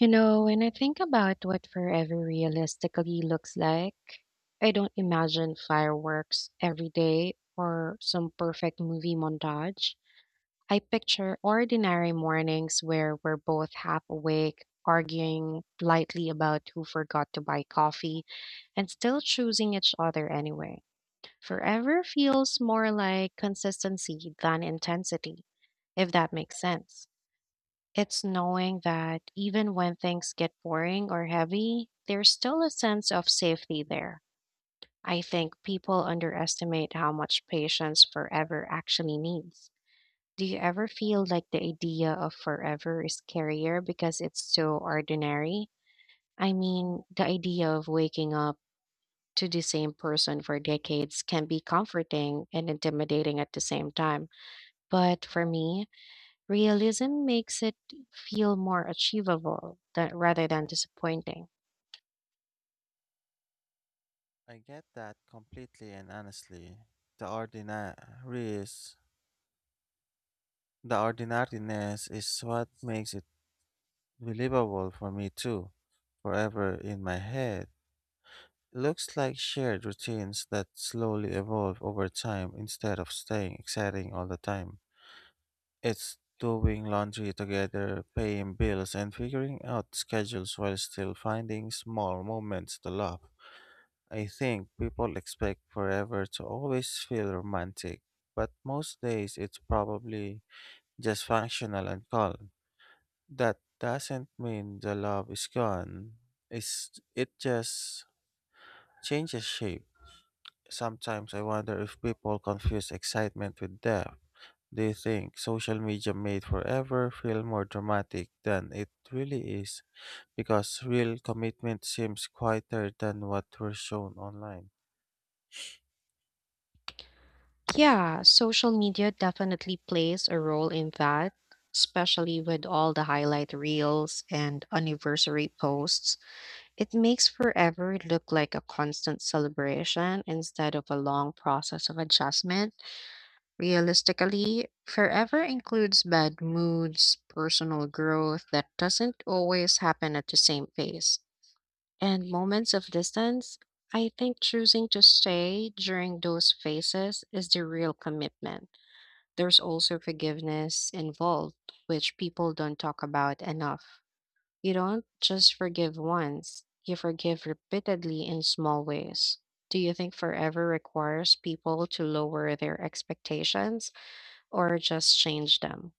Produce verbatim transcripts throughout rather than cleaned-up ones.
You know, when I think about what forever realistically looks like, I don't imagine fireworks every day or some perfect movie montage. I picture ordinary mornings where we're both half awake, arguing lightly about who forgot to buy coffee, and still choosing each other anyway. Forever feels more like consistency than intensity, if that makes sense. It's knowing that even when things get boring or heavy, there's still a sense of safety there. I think people underestimate how much patience forever actually needs. Do you ever feel like the idea of forever is scarier because it's so ordinary? I mean, the idea of waking up to the same person for decades can be comforting and intimidating at the same time. But for me, realism makes it feel more achievable tha- rather than disappointing. I get that completely and honestly. The ordinariness, the ordinariness is what makes it believable for me too. Forever in my head, it looks like shared routines that slowly evolve over time instead of staying exciting all the time. It's doing laundry together, paying bills, and figuring out schedules while still finding small moments to love. I think people expect forever to always feel romantic, but most days it's probably just functional and calm. That doesn't mean the love is gone. It's, it just changes shape. Sometimes I wonder if people confuse excitement with depth. Do you think social media made forever feel more dramatic than it really is? Because real commitment seems quieter than what we're shown online. Yeah, social media definitely plays a role in that, especially with all the highlight reels and anniversary posts. It makes forever look like a constant celebration instead of a long process of adjustment. Realistically, forever includes bad moods, personal growth that doesn't always happen at the same pace, and moments of distance. I think choosing to stay during those phases is the real commitment. There's also forgiveness involved, which people don't talk about enough. You don't just forgive once, you forgive repeatedly in small ways. Do you think forever requires people to lower their expectations or just change them?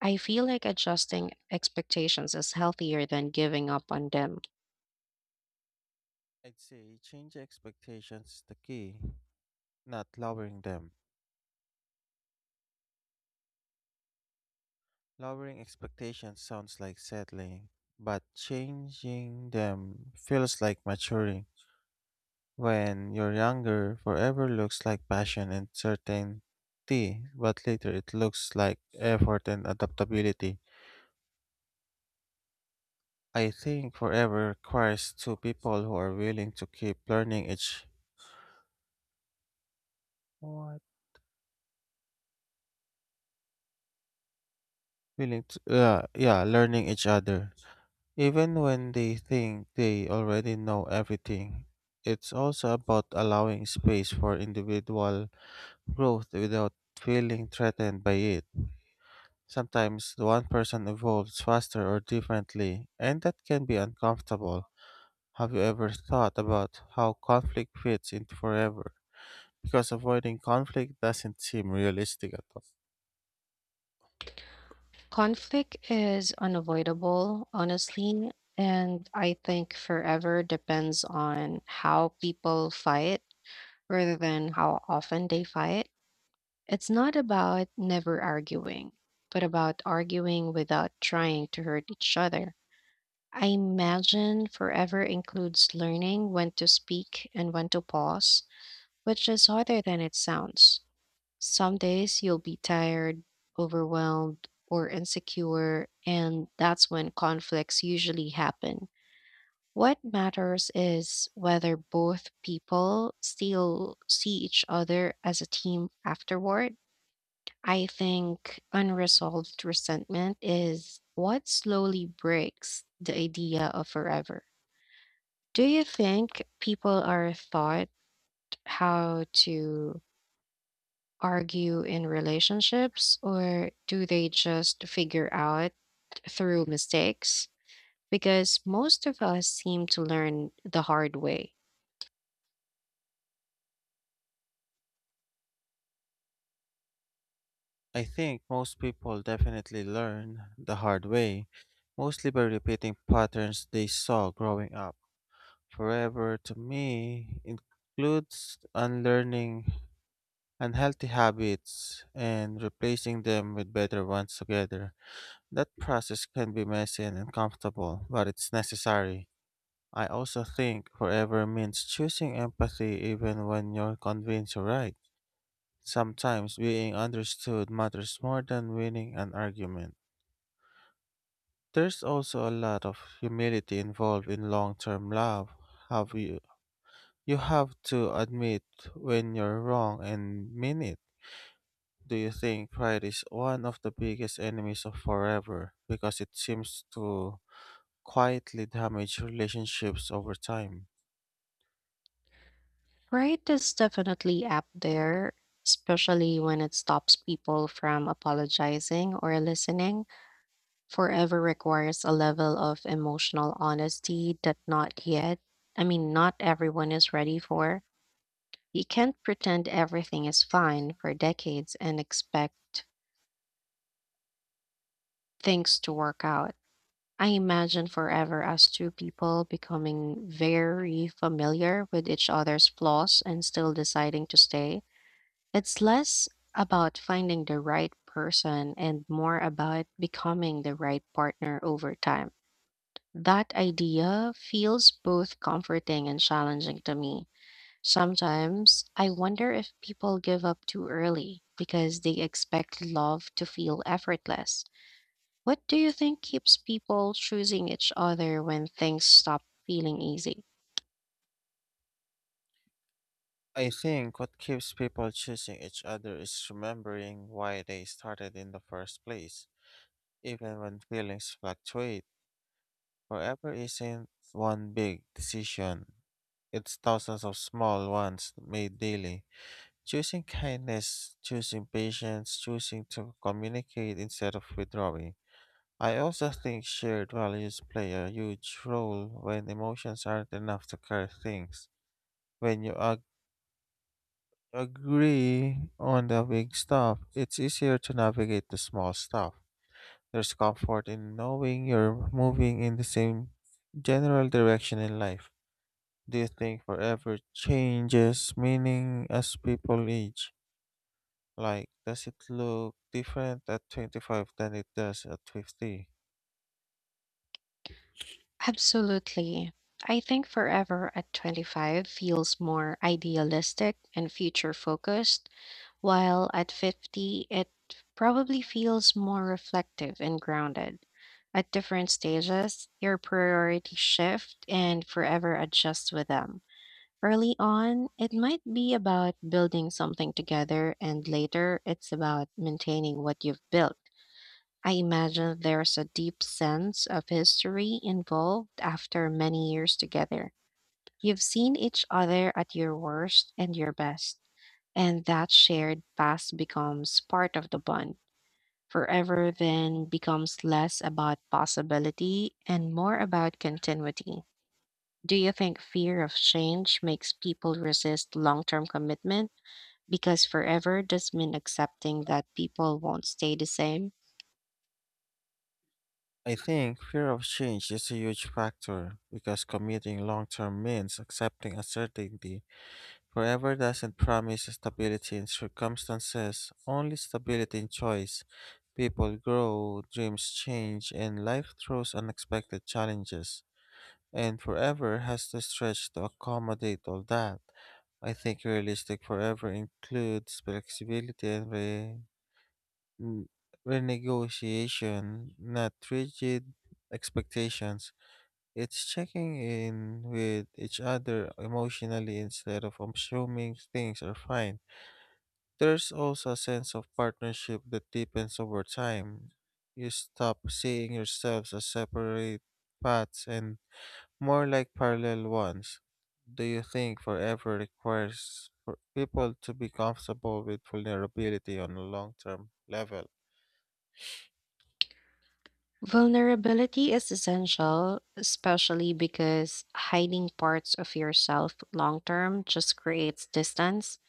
I feel like adjusting expectations is healthier than giving up on them. I'd say change expectations is the key, not lowering them. Lowering expectations sounds like settling, but changing them feels like maturing. When you're younger, forever looks like passion and certainty, but later it looks like effort and adaptability. I think forever requires two people who are willing to keep learning each what willing to uh, yeah learning each other. Even when they think they already know everything, it's also about allowing space for individual growth without feeling threatened by it. Sometimes one person evolves faster or differently, and that can be uncomfortable. Have you ever thought about how conflict fits into forever? Because avoiding conflict doesn't seem realistic at all. Conflict is unavoidable, honestly, and I think forever depends on how people fight rather than how often they fight. It's not about never arguing, but about arguing without trying to hurt each other. I imagine forever includes learning when to speak and when to pause, which is harder than it sounds. Some days you'll be tired, overwhelmed, or insecure, and that's when conflicts usually happen. What matters is whether both people still see each other as a team afterward. I think unresolved resentment is what slowly breaks the idea of forever. Do you think people are taught how to argue in relationships, or do they just figure out through mistakes? Because most of us seem to learn the hard way. I think most people definitely learn the hard way, mostly by repeating patterns they saw growing up. Forever to me includes unlearning unhealthy habits and replacing them with better ones together. That process can be messy and uncomfortable, but it's necessary. I also think forever means choosing empathy even when you're convinced you're right. Sometimes being understood matters more than winning an argument. There's also a lot of humility involved in long term love. Have you You have to admit when you're wrong and mean it. Do you think pride is one of the biggest enemies of forever because it seems to quietly damage relationships over time? Right is definitely up there, especially when it stops people from apologizing or listening. Forever requires a level of emotional honesty that not yet, I mean, not everyone is ready for. You can't pretend everything is fine for decades and expect things to work out. I imagine forever as two people becoming very familiar with each other's flaws and still deciding to stay. It's less about finding the right person and more about becoming the right partner over time. That idea feels both comforting and challenging to me. Sometimes I wonder if people give up too early because they expect love to feel effortless. What do you think keeps people choosing each other when things stop feeling easy? I think what keeps people choosing each other is remembering why they started in the first place. Even when feelings fluctuate, forever isn't one big decision. It's thousands of small ones made daily. Choosing kindness, choosing patience, choosing to communicate instead of withdrawing. I also think shared values play a huge role when emotions aren't enough to carry things. When you ag- agree on the big stuff, it's easier to navigate the small stuff. There's comfort in knowing you're moving in the same general direction in life. Do you think forever changes meaning as people age? Like, does it look different at twenty-five than it does at fifty? Absolutely. I think forever at twenty-five feels more idealistic and future focused, while at fifty, it probably feels more reflective and grounded. At different stages, your priorities shift and forever adjusts with them. Early on, it might be about building something together, and later, it's about maintaining what you've built. I imagine there's a deep sense of history involved after many years together. You've seen each other at your worst and your best, and that shared past becomes part of the bond. Forever then becomes less about possibility and more about continuity. Do you think fear of change makes people resist long term commitment? Because forever does mean accepting that people won't stay the same. I think fear of change is a huge factor because committing long term means accepting uncertainty. Forever doesn't promise stability in circumstances, only stability in choice. People grow, dreams change, and life throws unexpected challenges. And forever has to stretch to accommodate all that. I think realistic forever includes flexibility and re- Mm, renegotiation, not rigid expectations. It's checking in with each other emotionally instead of assuming things are fine. There's also a sense of partnership that deepens over time. You stop seeing yourselves as separate paths and more like parallel ones. Do you think forever requires for people to be comfortable with vulnerability on a long term level? Vulnerability is essential, especially because hiding parts of yourself long term just creates distance.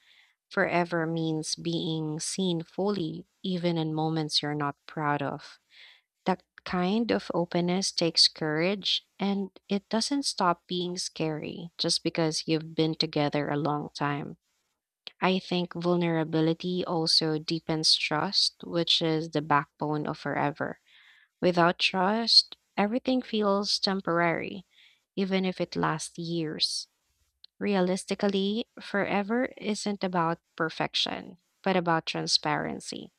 Forever means being seen fully, even in moments you're not proud of. That kind of openness takes courage, and it doesn't stop being scary just because you've been together a long time. I think vulnerability also deepens trust, which is the backbone of forever. Without trust, everything feels temporary, even if it lasts years. Realistically, forever isn't about perfection, but about transparency.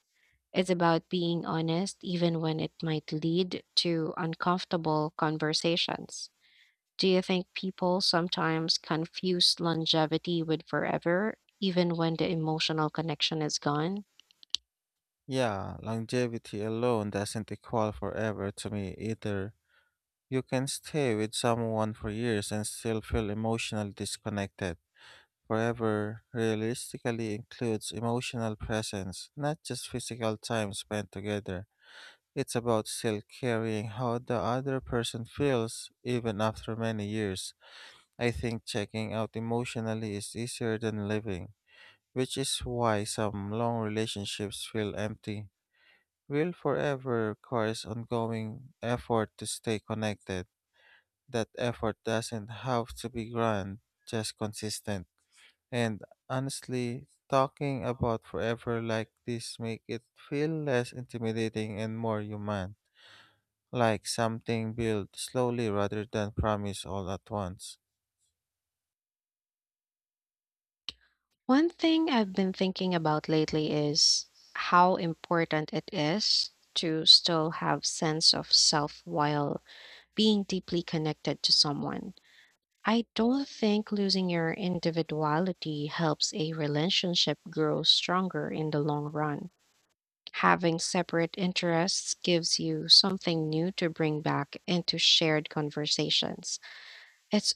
It's about being honest, even when it might lead to uncomfortable conversations. Do you think people sometimes confuse longevity with forever, even when the emotional connection is gone? Yeah, longevity alone doesn't equal forever to me either. You can stay with someone for years and still feel emotionally disconnected. Forever realistically includes emotional presence, not just physical time spent together. It's about still caring how the other person feels even after many years. I think checking out emotionally is easier than living, which is why some long relationships feel empty will forever requires ongoing effort to stay connected. That effort doesn't have to be grand, just consistent. And honestly, talking about forever like this make it feel less intimidating and more human, like something built slowly rather than promised all at once. One thing I've been thinking about lately is how important it is to still have sense of self while being deeply connected to someone. I don't think losing your individuality helps a relationship grow stronger in the long run. Having separate interests gives you something new to bring back into shared conversations. It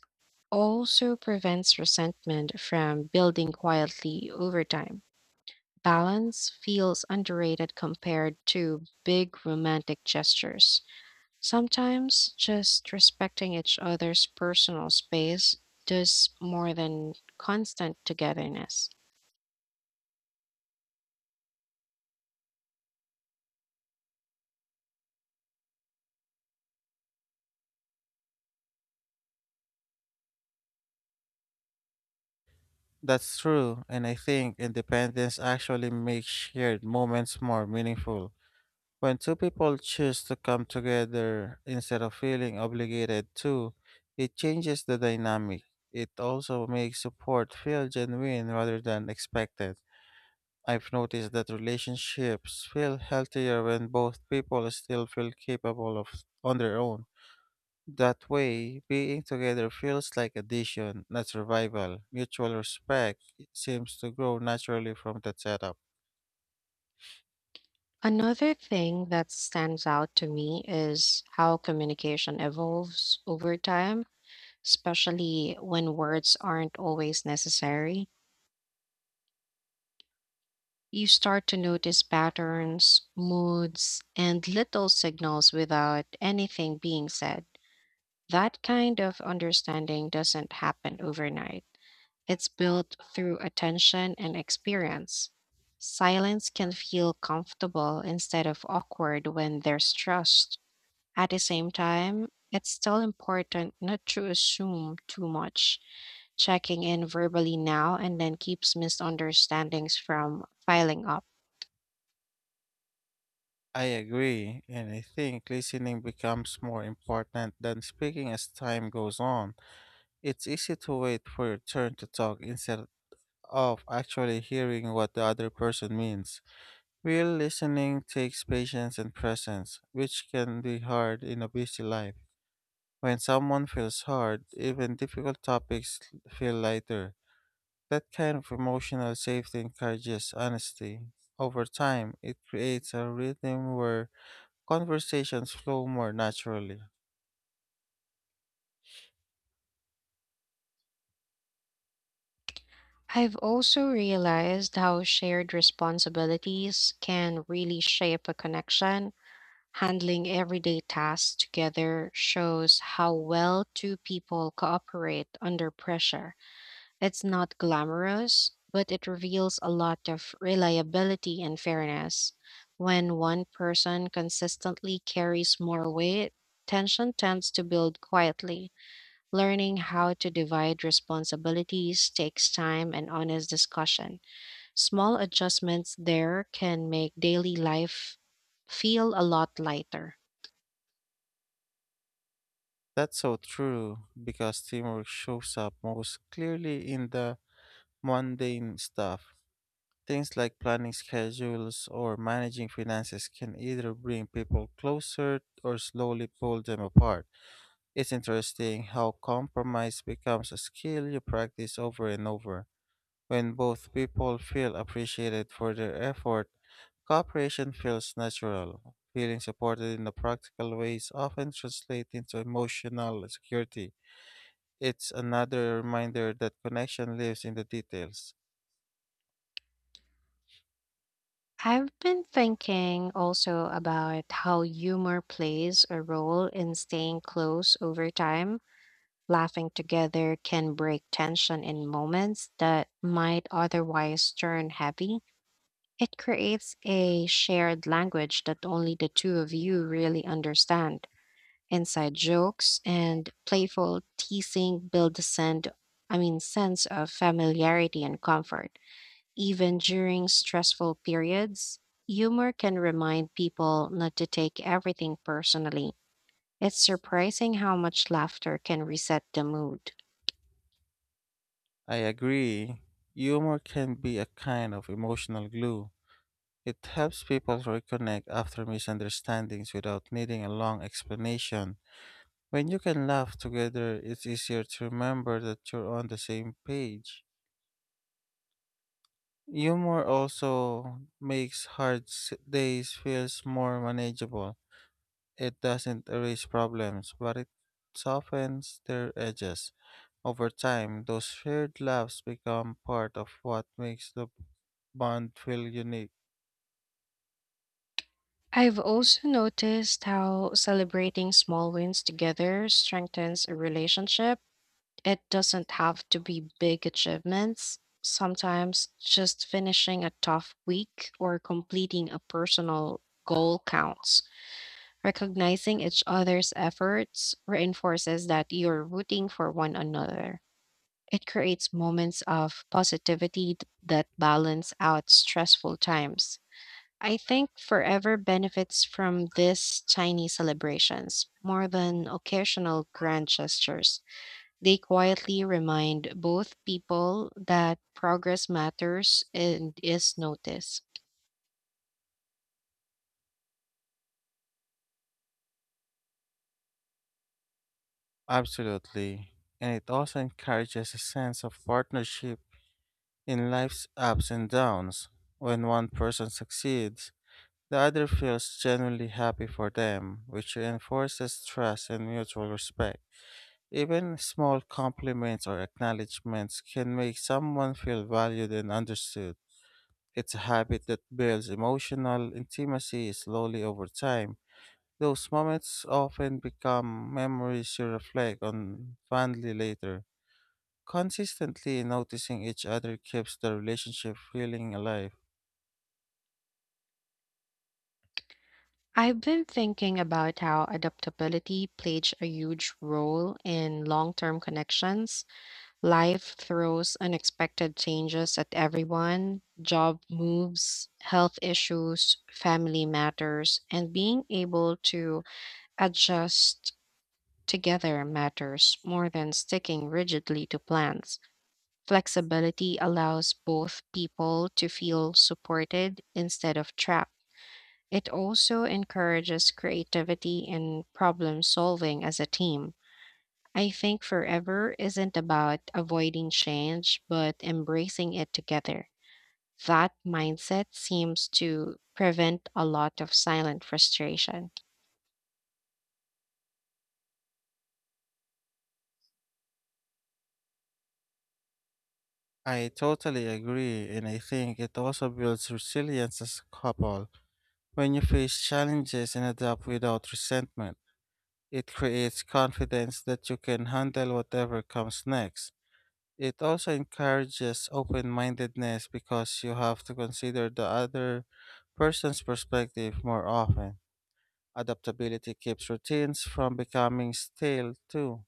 also prevents resentment from building quietly over time. Balance feels underrated compared to big romantic gestures. Sometimes just respecting each other's personal space does more than constant togetherness. That's true, and I think independence actually makes shared moments more meaningful. When two people choose to come together instead of feeling obligated to, it changes the dynamic. It also makes support feel genuine rather than expected. I've noticed that relationships feel healthier when both people still feel capable of on their own. That way, being together feels like addition, not survival. Mutual respect seems to grow naturally from that setup. Another thing that stands out to me is how communication evolves over time, especially when words aren't always necessary. You start to notice patterns, moods, and little signals without anything being said. That kind of understanding doesn't happen overnight. It's built through attention and experience. Silence can feel comfortable instead of awkward when there's trust. At the same time, it's still important not to assume too much. Checking in verbally now and then keeps misunderstandings from piling up. I agree, and I think listening becomes more important than speaking as time goes on. It's easy to wait for your turn to talk instead of actually hearing what the other person means. Real listening takes patience and presence, which can be hard in a busy life. When someone feels hard, even difficult topics feel lighter. That kind of emotional safety encourages honesty. Over time, it creates a rhythm where conversations flow more naturally. I've also realized how shared responsibilities can really shape a connection. Handling everyday tasks together shows how well two people cooperate under pressure. It's not glamorous, but it reveals a lot of reliability and fairness. When one person consistently carries more weight, tension tends to build quietly. Learning how to divide responsibilities takes time and honest discussion. Small adjustments there can make daily life feel a lot lighter. That's so true because teamwork shows up most clearly in the mundane stuff. Things like planning schedules or managing finances can either bring people closer or slowly pull them apart. It's interesting how compromise becomes a skill you practice over and over. When both people feel appreciated for their effort, cooperation feels natural. Feeling supported in the practical ways often translates into emotional security. It's another reminder that connection lives in the details. I've been thinking also about how humor plays a role in staying close over time. Laughing together can break tension in moments that might otherwise turn heavy. It creates a shared language that only the two of you really understand. Inside jokes and playful teasing build a sense, I mean, sense of familiarity and comfort. Even during stressful periods, humor can remind people not to take everything personally. It's surprising how much laughter can reset the mood. I agree. Humor can be a kind of emotional glue. It helps people reconnect after misunderstandings without needing a long explanation. When you can laugh together, it's easier to remember that you're on the same page. Humor also makes hard s- days feels more manageable. It doesn't erase problems, but it softens their edges. Over time, those shared laughs become part of what makes the bond feel unique. I've also noticed how celebrating small wins together strengthens a relationship. It doesn't have to be big achievements. Sometimes just finishing a tough week or completing a personal goal counts. Recognizing each other's efforts reinforces that you're rooting for one another. It creates moments of positivity th- that balance out stressful times. I think forever benefits from these tiny celebrations more than occasional grand gestures. They quietly remind both people that progress matters and is noticed. Absolutely. And it also encourages a sense of partnership in life's ups and downs. When one person succeeds, the other feels genuinely happy for them, which reinforces trust and mutual respect. Even small compliments or acknowledgments can make someone feel valued and understood. It's a habit that builds emotional intimacy slowly over time. Those moments often become memories you reflect on fondly later. Consistently noticing each other keeps the relationship feeling alive. I've been thinking about how adaptability plays a huge role in long term connections. Life throws unexpected changes at everyone: job moves, health issues, family matters, and being able to adjust together matters more than sticking rigidly to plans. Flexibility allows both people to feel supported instead of trapped. It also encourages creativity and problem solving as a team. I think forever isn't about avoiding change, but embracing it together. That mindset seems to prevent a lot of silent frustration. I totally agree, and I think it also builds resilience as a couple when you face challenges and adapt without resentment. It creates confidence that you can handle whatever comes next. It also encourages open mindedness because you have to consider the other person's perspective more often. Adaptability keeps routines from becoming stale, too.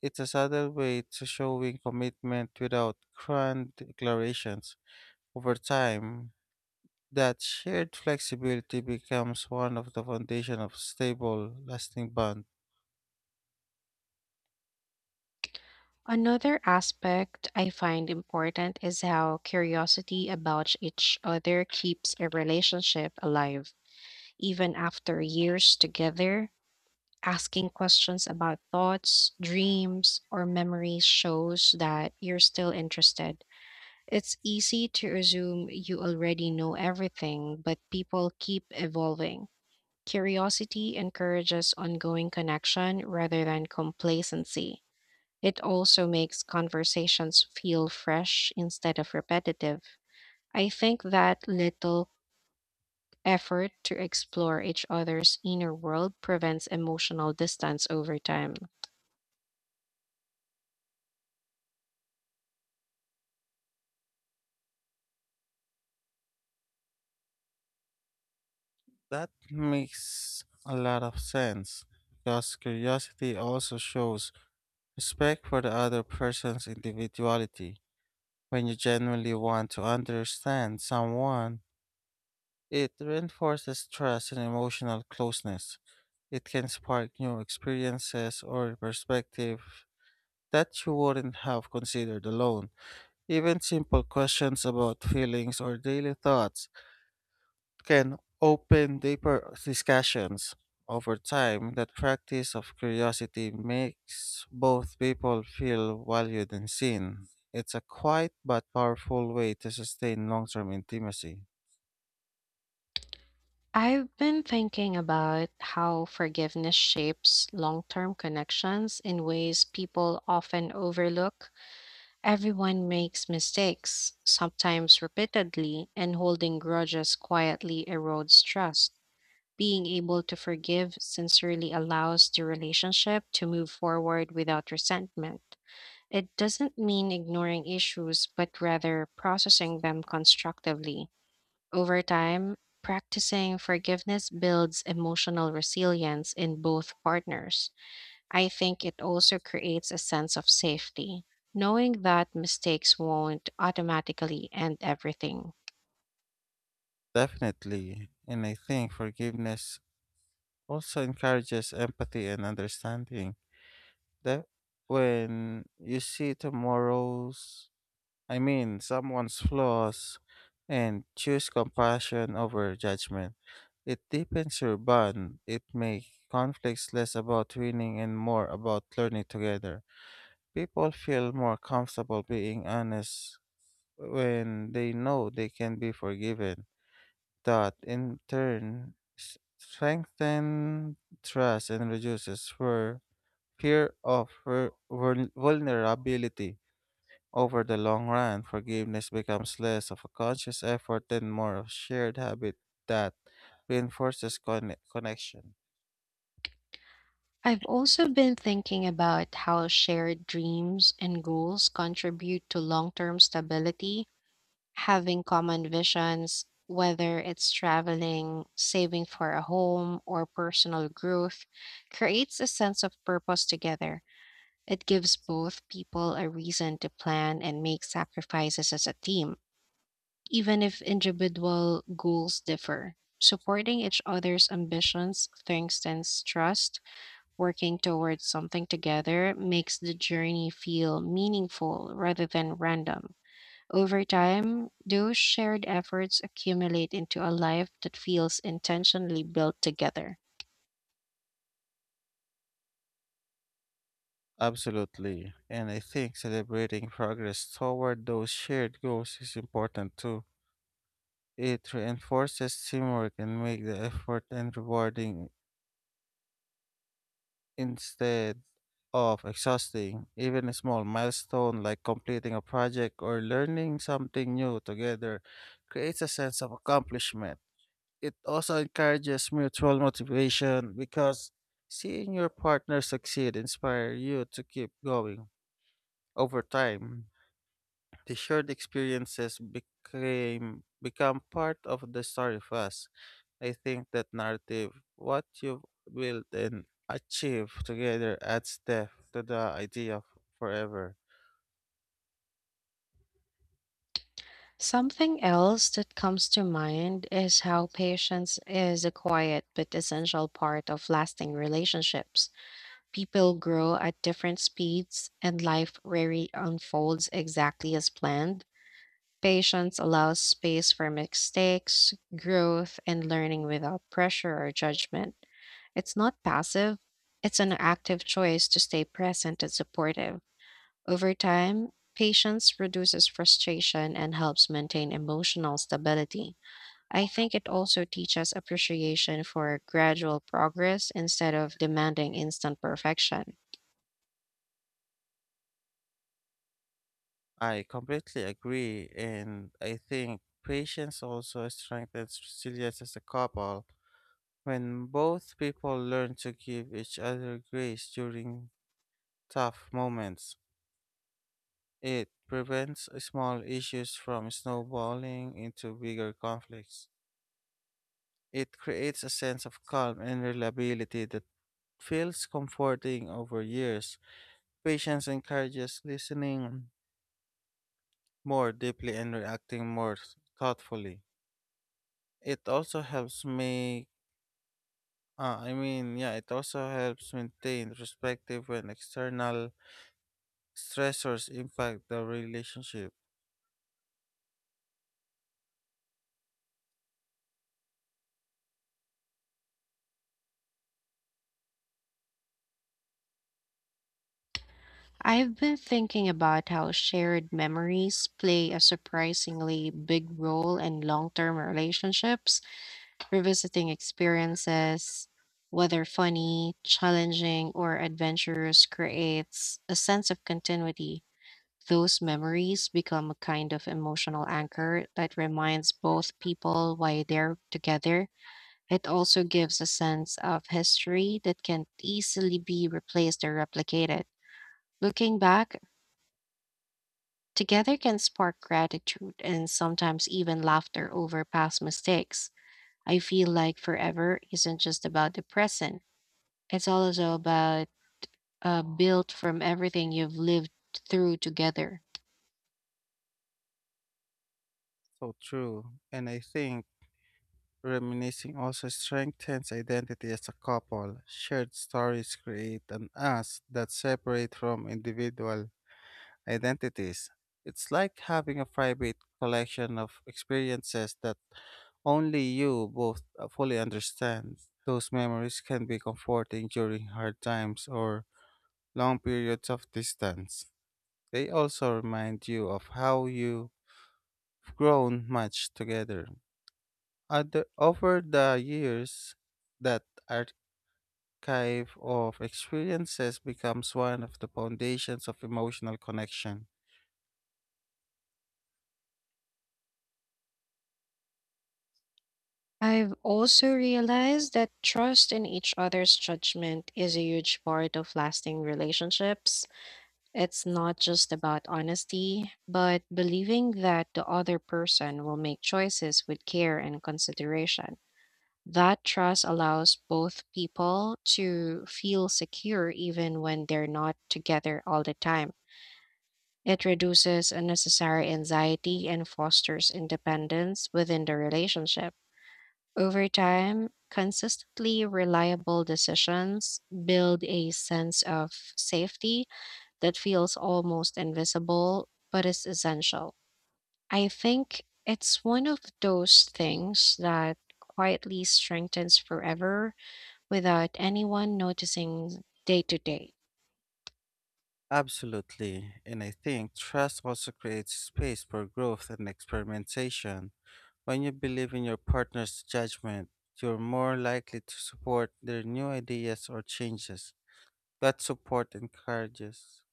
It's a subtle way to showing commitment without grand declarations. Over time, that shared flexibility becomes one of the foundation of stable, lasting bonds. Another aspect I find important is how curiosity about each other keeps a relationship alive. Even after years together, asking questions about thoughts, dreams, or memories shows that you're still interested. It's easy to assume you already know everything, but people keep evolving. Curiosity encourages ongoing connection rather than complacency. It also makes conversations feel fresh instead of repetitive. I think that little effort to explore each other's inner world prevents emotional distance over time. That makes a lot of sense because curiosity also shows respect for the other person's individuality. When you genuinely want to understand someone, it reinforces trust and emotional closeness. It can spark new experiences or perspective that you wouldn't have considered alone. Even simple questions about feelings or daily thoughts can open deeper discussions. Over time, that practice of curiosity makes both people feel valued and seen. It's a quiet but powerful way to sustain long term intimacy. I've been thinking about how forgiveness shapes long term connections in ways people often overlook. Everyone makes mistakes, sometimes repeatedly, and holding grudges quietly erodes trust. Being able to forgive sincerely allows the relationship to move forward without resentment. It doesn't mean ignoring issues, but rather processing them constructively. Over time, practicing forgiveness builds emotional resilience in both partners. I think it also creates a sense of safety, knowing that mistakes won't automatically end everything. Definitely. And I think forgiveness also encourages empathy and understanding. That when you see tomorrow's I mean, someone's flaws and choose compassion over judgment. It deepens your bond. It makes conflicts less about winning and more about learning together. People feel more comfortable being honest when they know they can be forgiven. That, in turn, s- strengthens trust and reduces fear fear of vul- vulnerability. Over the long run, forgiveness becomes less of a conscious effort and more of a shared habit that reinforces conne- connection. I've also been thinking about how shared dreams and goals contribute to long term stability. Having common visions, whether it's traveling, saving for a home, or personal growth, creates a sense of purpose together. It gives both people a reason to plan and make sacrifices as a team, even if individual goals differ. Supporting each other's ambitions strengthens trust. Working towards something together makes the journey feel meaningful rather than random. Over time, those shared efforts accumulate into a life that feels intentionally built together. Absolutely. And I think celebrating progress toward those shared goals is important too. It reinforces teamwork and makes the effort and rewarding instead of exhausting. Even a small milestone like completing a project or learning something new together creates a sense of accomplishment. It also encourages mutual motivation because seeing your partner succeed inspire you to keep going. Over time, the shared experiences became become part of the story for us. I think that narrative, what you've built and achieved together adds depth to the idea of forever. Something else that comes to mind is how patience is a quiet but essential part of lasting relationships. People grow at different speeds, and life rarely unfolds exactly as planned. Patience allows space for mistakes, growth, and learning without pressure or judgment. It's not passive, it's an active choice to stay present and supportive. Over time, patience reduces frustration and helps maintain emotional stability. I think it also teaches appreciation for gradual progress instead of demanding instant perfection. I completely agree and I think patience also strengthens resilience as a couple when both people learn to give each other grace during tough moments, it prevents small issues from snowballing into bigger conflicts. It creates a sense of calm and reliability that feels comforting over years. Patience encourages listening more deeply and reacting more thoughtfully. It also helps make uh, I mean, yeah, it also helps maintain perspective when external stressors impact the relationship. I've been thinking about how shared memories play a surprisingly big role in long term relationships, revisiting experiences. Whether funny, challenging, or adventurous, creates a sense of continuity. Those memories become a kind of emotional anchor that reminds both people why they're together. It also gives a sense of history that can easily be replaced or replicated. Looking back together can spark gratitude and sometimes even laughter over past mistakes. I feel like forever isn't just about the present, it's also about uh, built from everything you've lived through together. So true. And I think reminiscing also strengthens identity as a couple. Shared stories create an us that separate from individual identities. It's like having a private collection of experiences that only you both uh, fully understand. Those memories can be comforting during hard times or long periods of distance. They also remind you of how you grown much together. Other, over the years, that archive of experiences becomes one of the foundations of emotional connection. I've also realized that trust in each other's judgment is a huge part of lasting relationships. It's not just about honesty, but believing that the other person will make choices with care and consideration. That trust allows both people to feel secure even when they're not together all the time. It reduces unnecessary anxiety and fosters independence within the relationship. Over time, consistently reliable decisions build a sense of safety that feels almost invisible but is essential. I think it's one of those things that quietly strengthens forever without anyone noticing day to day. Absolutely. And I think trust also creates space for growth and experimentation. When you believe in your partner's judgment, you're more likely to support their new ideas or changes. That support encourages